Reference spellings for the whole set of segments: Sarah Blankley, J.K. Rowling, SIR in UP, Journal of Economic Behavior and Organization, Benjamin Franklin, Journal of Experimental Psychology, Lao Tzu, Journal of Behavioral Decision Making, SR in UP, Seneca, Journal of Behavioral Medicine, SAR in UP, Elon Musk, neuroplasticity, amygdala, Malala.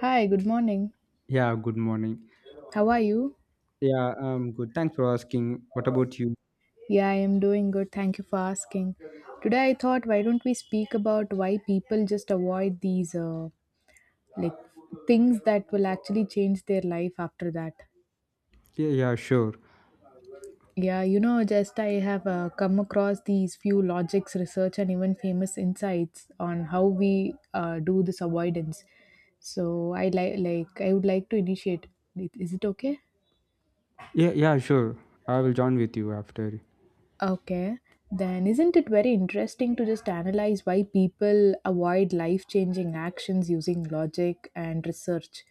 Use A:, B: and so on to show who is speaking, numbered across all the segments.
A: Hi, good morning.
B: Yeah, good morning.
A: How are you?
B: Yeah, Good. Thanks for asking. What about you?
A: Yeah, I am doing good. Thank you for asking. Today I thought why don't we speak about why people just avoid these like things that will actually change their life after that.
B: Yeah, yeah, sure.
A: Just I have come across these few logics research and even famous insights on how we do this avoidance. So I like I would like to initiate. Is it okay?
B: Yeah, yeah, sure. I will join with you after.
A: Okay, then isn't it very interesting to just analyze why people avoid life changing actions using logic and research?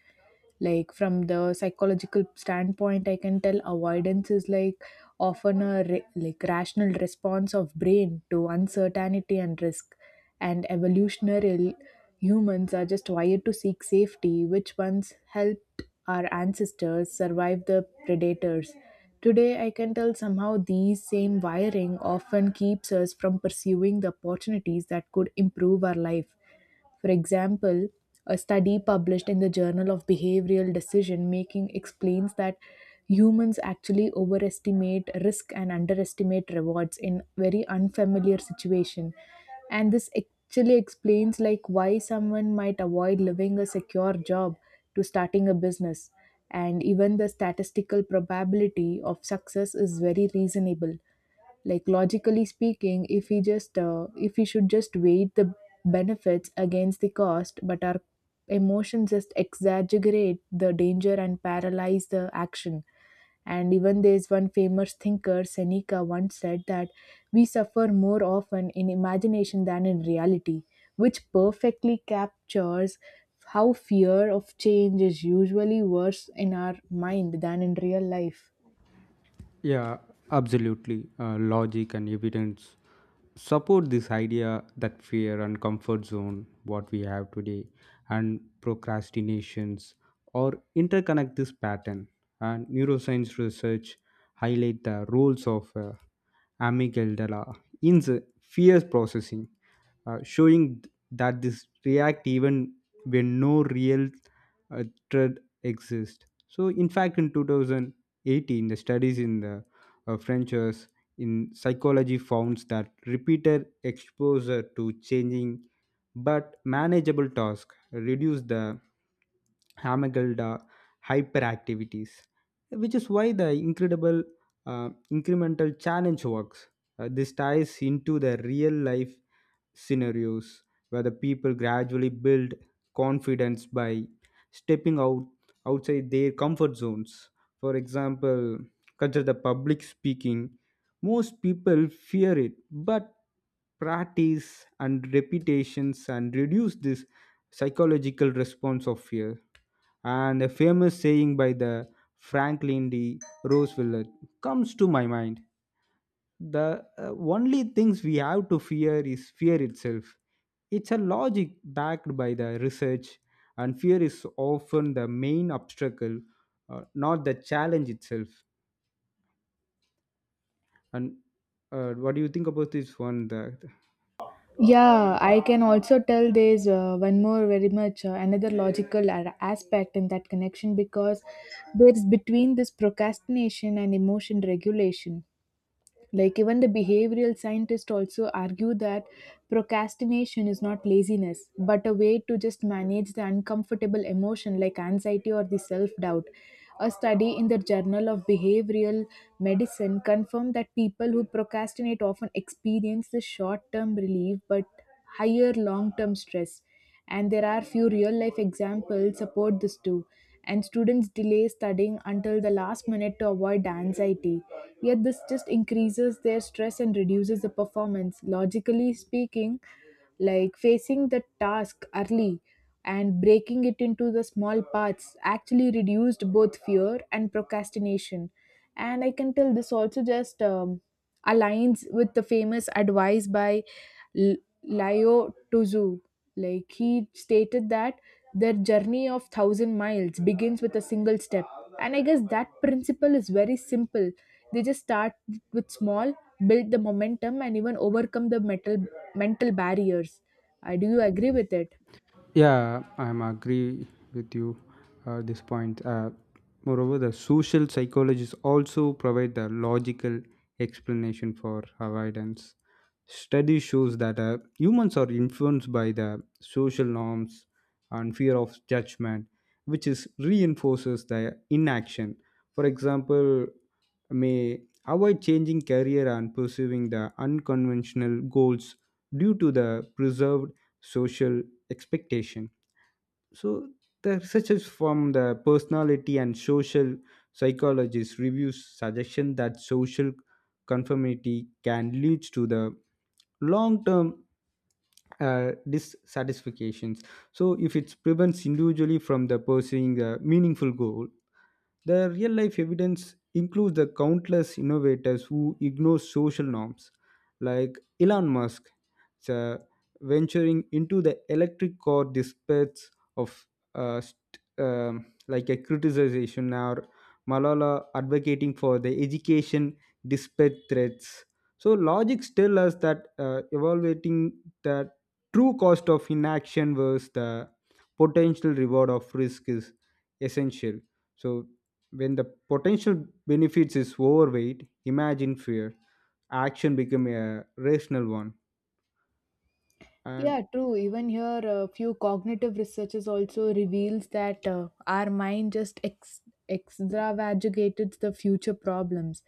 A: Like, from the psychological standpoint, I can tell avoidance is like often like rational response of brain to uncertainty and risk, and evolutionary humans are just wired to seek safety, which once helped our ancestors survive the predators. Today, I can tell somehow these same wiring often keeps us from pursuing the opportunities that could improve our life. For example, a study published in the Journal of Behavioral Decision Making explains that humans actually overestimate risk and underestimate rewards in very unfamiliar situation, and this actually explains like why someone might avoid leaving a secure job to starting a business and even the statistical probability of success is very reasonable. Like logically speaking, if we just if we should just weigh the benefits against the cost, but our emotions just exaggerate the danger and paralyze the action. And even there's one famous thinker, Seneca, once said that we suffer more often in imagination than in reality, which perfectly captures how fear of change is usually worse in our mind than in real life.
B: Yeah, absolutely. Logic and evidence support this idea that fear and comfort zone, what we have today, and procrastinations, or interconnect this pattern. And neuroscience research highlight the roles of amygdala in the fear processing, showing that this react even when no real uh, threat exists. So, in fact, in 2018, the studies in the Frenchers in psychology found that repeated exposure to changing but manageable tasks reduce the Hamagelda hyperactivities, which is why the incredible incremental challenge works. This ties into the real life scenarios where the people gradually build confidence by stepping out outside their comfort zones. For example, consider the public speaking. Most people fear it, but practice and repetitions and reduce this psychological response of fear. And a famous saying by the Franklin D. Roosevelt comes to my mind, the only things we have to fear is fear itself. It's a logic backed by the research, and fear is often the main obstacle, not the challenge itself. And what do you think about this one, the
A: Yeah, I can also tell there's one more very much another logical aspect in that connection because there's between this procrastination and emotion regulation. Like even the behavioral scientists also argue that procrastination is not laziness, but a way to just manage the uncomfortable emotion like anxiety or the self-doubt. A study in the Journal of Behavioral Medicine confirmed that people who procrastinate often experience the short-term relief but higher long-term stress, and there are few real life examples support this too, and students delay studying until the last minute to avoid anxiety, yet this just increases their stress and reduces the performance. Logically speaking, like facing the task early and breaking it into the small parts actually reduced both fear and procrastination. And I can tell this also just aligns with the famous advice by L- Lao Tzu. Like he stated that their journey of thousand miles begins with a single step. And I guess that principle is very simple. They just start with small, build the momentum, and even overcome the mental barriers. I Do you agree with it?
B: Yeah, I'm agree with you this point. Moreover, the social psychologists also provide the logical explanation for avoidance. Study shows that humans are influenced by the social norms and fear of judgment, which is reinforces the inaction. For example, may avoid changing career and pursuing the unconventional goals due to the preserved social expectation. So the researchers from the personality and social psychologists reviews suggestion that social conformity can lead to the long-term dissatisfactions. So if it prevents individually from the pursuing a meaningful goal, the real life evidence includes the countless innovators who ignore social norms, like Elon Musk uh, venturing into the electric car despite of like a criticization, or Malala advocating for the education despite threats. So logic tells us that evaluating the true cost of inaction versus the potential reward of risk is essential. So when the potential benefits is overweight, imagine fear, action become a rational one. And
A: Yeah, true. Even here, a few cognitive researchers also reveals that our mind just extravagates the future problems.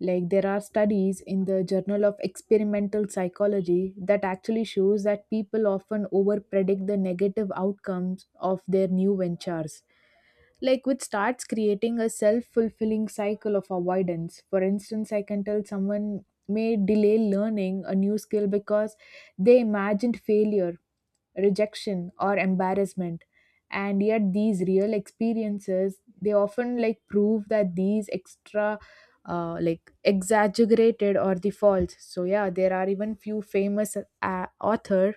A: Like there are studies in the Journal of Experimental Psychology that actually shows that people often over predict the negative outcomes of their new ventures, like which starts creating a self-fulfilling cycle of avoidance. For instance, I can tell someone may delay learning a new skill because they imagined failure, rejection or embarrassment, and yet these real experiences, they often like prove that these extra like exaggerated or the false. So yeah, there are even few famous author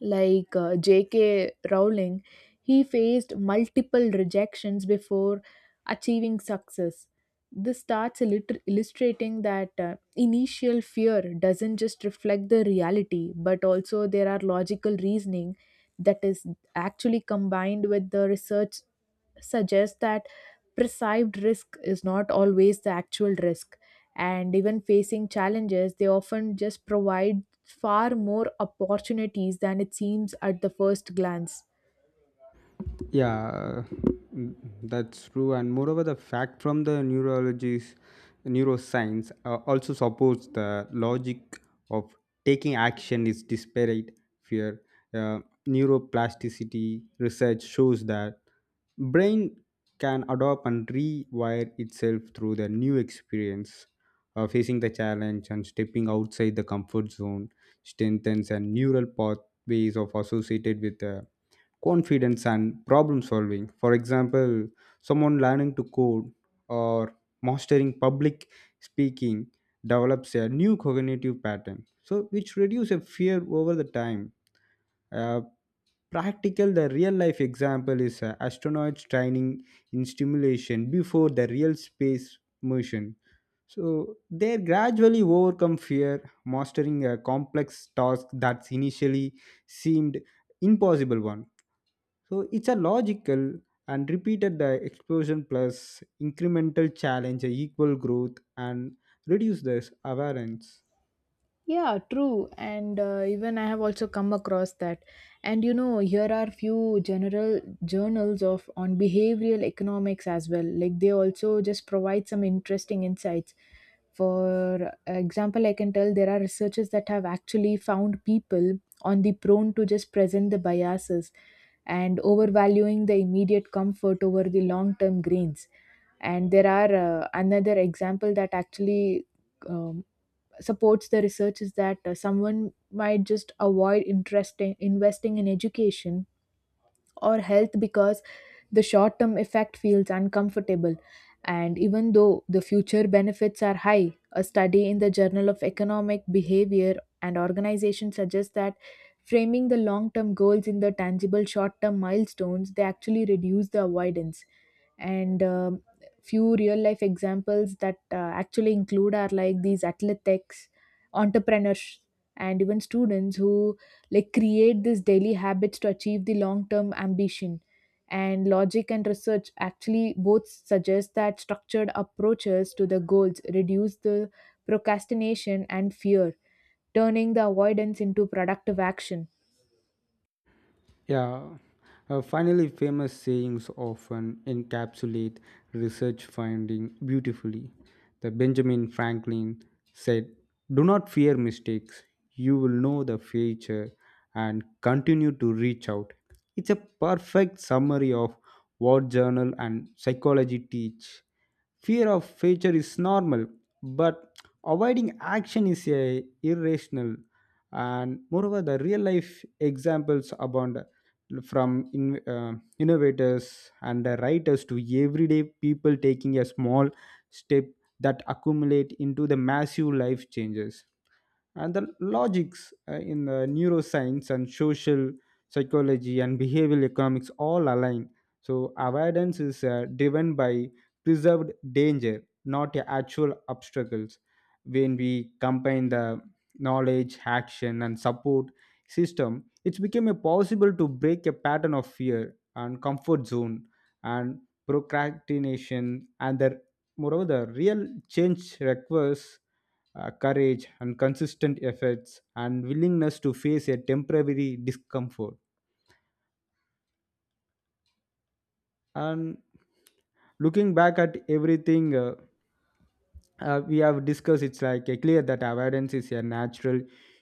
A: like J.K. Rowling, he faced multiple rejections before achieving success. This starts illustrating that initial fear doesn't just reflect the reality, but also there are logical reasoning that is actually combined with the research, suggests that perceived risk is not always the actual risk, and even facing challenges they often just provide far more opportunities than it seems at the first glance.
B: yeah, mm, that's true. And moreover, the fact from the neurology's neuroscience also supports the logic of taking action is disparate fear. Uh, Neuroplasticity research shows that brain can adopt and rewire itself through the new experience. Facing the challenge and stepping outside the comfort zone strengthens and neural pathways of associated with the confidence and problem solving. For example, someone learning to code or mastering public speaking develops a new cognitive pattern, so which reduce a fear over the time. Uh, Practical, the real life example is astronauts training in stimulation before the real space mission. So they gradually overcome fear, mastering a complex task that initially seemed impossible one. So it's a logical and repeated the explosion plus incremental challenge equal growth and reduce this awareness.
A: Yeah, true. And even I have also come across that. And you know, here are few general journals of on behavioral economics as well. Like they also just provide some interesting insights. For example, I can tell there are researchers that have actually found people on the prone to just present the biases and overvaluing the immediate comfort over the long term gains. And there are another example that actually um, supports the research is that someone might just avoid interest in investing in education or health because the short term effect feels uncomfortable, and even though the future benefits are high, a study in the journal of economic behavior and organization suggests that framing the long term goals in the tangible short term milestones, they actually reduce the avoidance. And few real life examples that actually include are like these athletics, entrepreneurs, and even students who like create these daily habits to achieve the long term ambition. And logic and research actually both suggest that structured approaches to the goals reduce the procrastination and fear, turning the avoidance into productive action.
B: Yeah, finally, famous sayings often encapsulate research finding beautifully. The Benjamin Franklin said, "Do not fear mistakes. You will know the future and continue to reach out." It's a perfect summary of what journal and psychology teach. Fear of failure is normal, but avoiding action is a irrational. And moreover, the real life examples abound from innovators and the writers to everyday people taking a small step that accumulate into the massive life changes. And the logics in the neuroscience and social psychology and behavioral economics all align, so avoidance is driven by preserved danger, not the actual obstacles. When we combine the knowledge action and support system, it's became a possible to break a pattern of fear and comfort zone and procrastination. And the moreover, the real change requires courage and consistent efforts and willingness to face a temporary discomfort. And looking back at everything, we have discussed, it's like clear that avoidance is a natural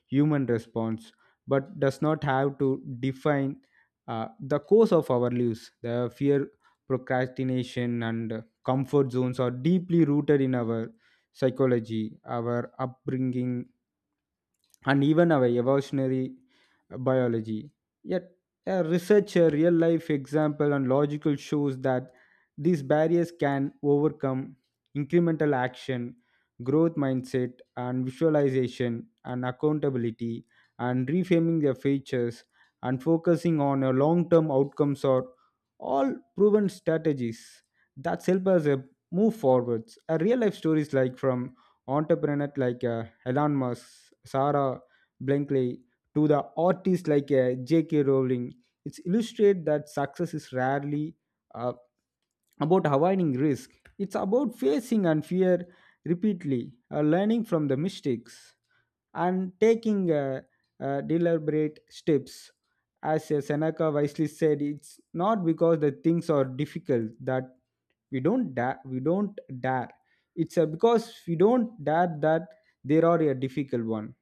B: human response but does not have to define the course of our lives. The fear, procrastination, and comfort zones are deeply rooted in our psychology, our upbringing, and even our evolutionary biology. Yet, a research, a real life example, and logical shows that these barriers can overcome incremental action, growth mindset, and visualization, and accountability, and reframing their features, and focusing on a long term outcomes are all proven strategies that help us move forwards. A real life stories like from entrepreneurs like Elon Musk, Sarah Blankley, to the artists like J.K. Rowling. It's illustrate that success is rarely uh, about avoiding risk. It's about facing and fear repeatedly, learning from the mistakes and taking deliberate steps. As Seneca wisely said, it's not because the things are difficult that we don't dare. We don't dare. It's because we don't dare that there are a difficult one.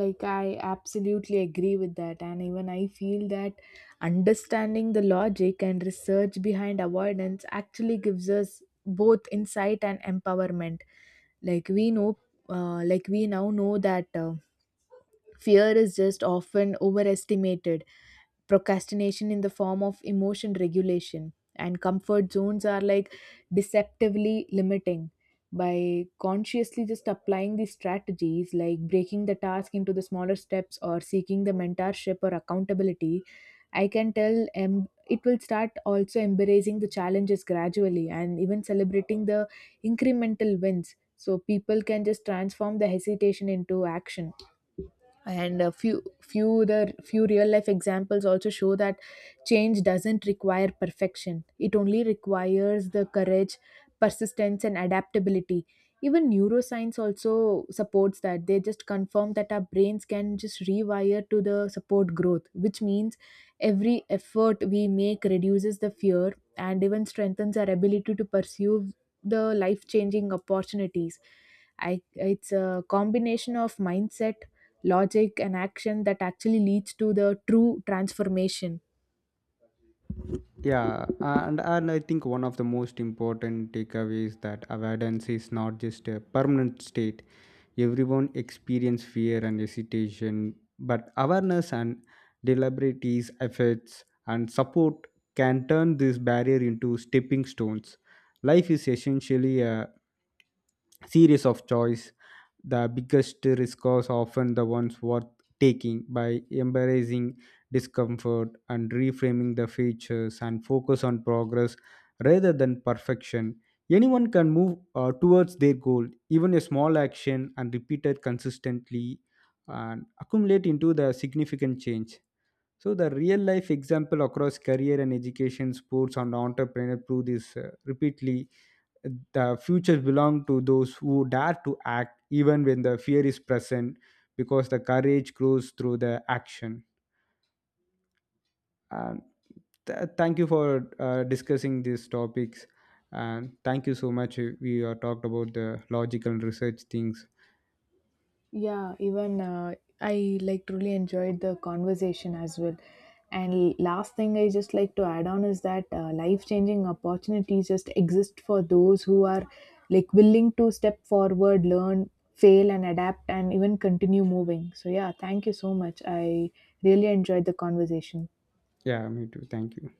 A: Like I absolutely agree with that, and even I feel that understanding the logic and research behind avoidance actually gives us both insight and empowerment. Like we know we now know that fear is just often overestimated, procrastination in the form of emotion regulation and comfort zones are like deceptively limiting. By consciously just applying these strategies like breaking the task into the smaller steps or seeking the mentorship or accountability, I can tell it will start also embracing the challenges gradually, and even celebrating the incremental wins, so people can just transform the hesitation into action. And a few few the few real life examples also show that change doesn't require perfection, it only requires the courage, persistence and adaptability. Even neuroscience also supports that, they just confirm that our brains can just rewire to the support growth, which means every effort we make reduces the fear and even strengthens our ability to pursue the life changing opportunities. It's a combination of mindset, logic and action that actually leads to the true transformation.
B: And I think one of the most important takeaways that avoidance is not just a permanent state. Everyone experience fear and hesitation, but awareness and deliberate efforts and support can turn this barrier into stepping stones. Life is essentially a series of choice. The biggest risk is often the ones worth taking by embracing discomfort and reframing the features and focus on progress rather than perfection. Anyone can move towards their goal, even a small action and repeated consistently and accumulate into the significant change. So the real life example across career and education, sports and entrepreneur prove this repeatedly. The futures belong to those who dare to act even when the fear is present because the courage grows through the action. Um, Thank you for discussing these topics, and thank you so much. We talked about the logical research things.
A: Yeah, even I like truly enjoyed the conversation as well. And last thing I just like to add on is that life changing opportunities just exist for those who are like willing to step forward, learn, fail, and adapt, and even continue moving. So, yeah, thank you so much. I really enjoyed the conversation.
B: Yeah, me too. Thank you.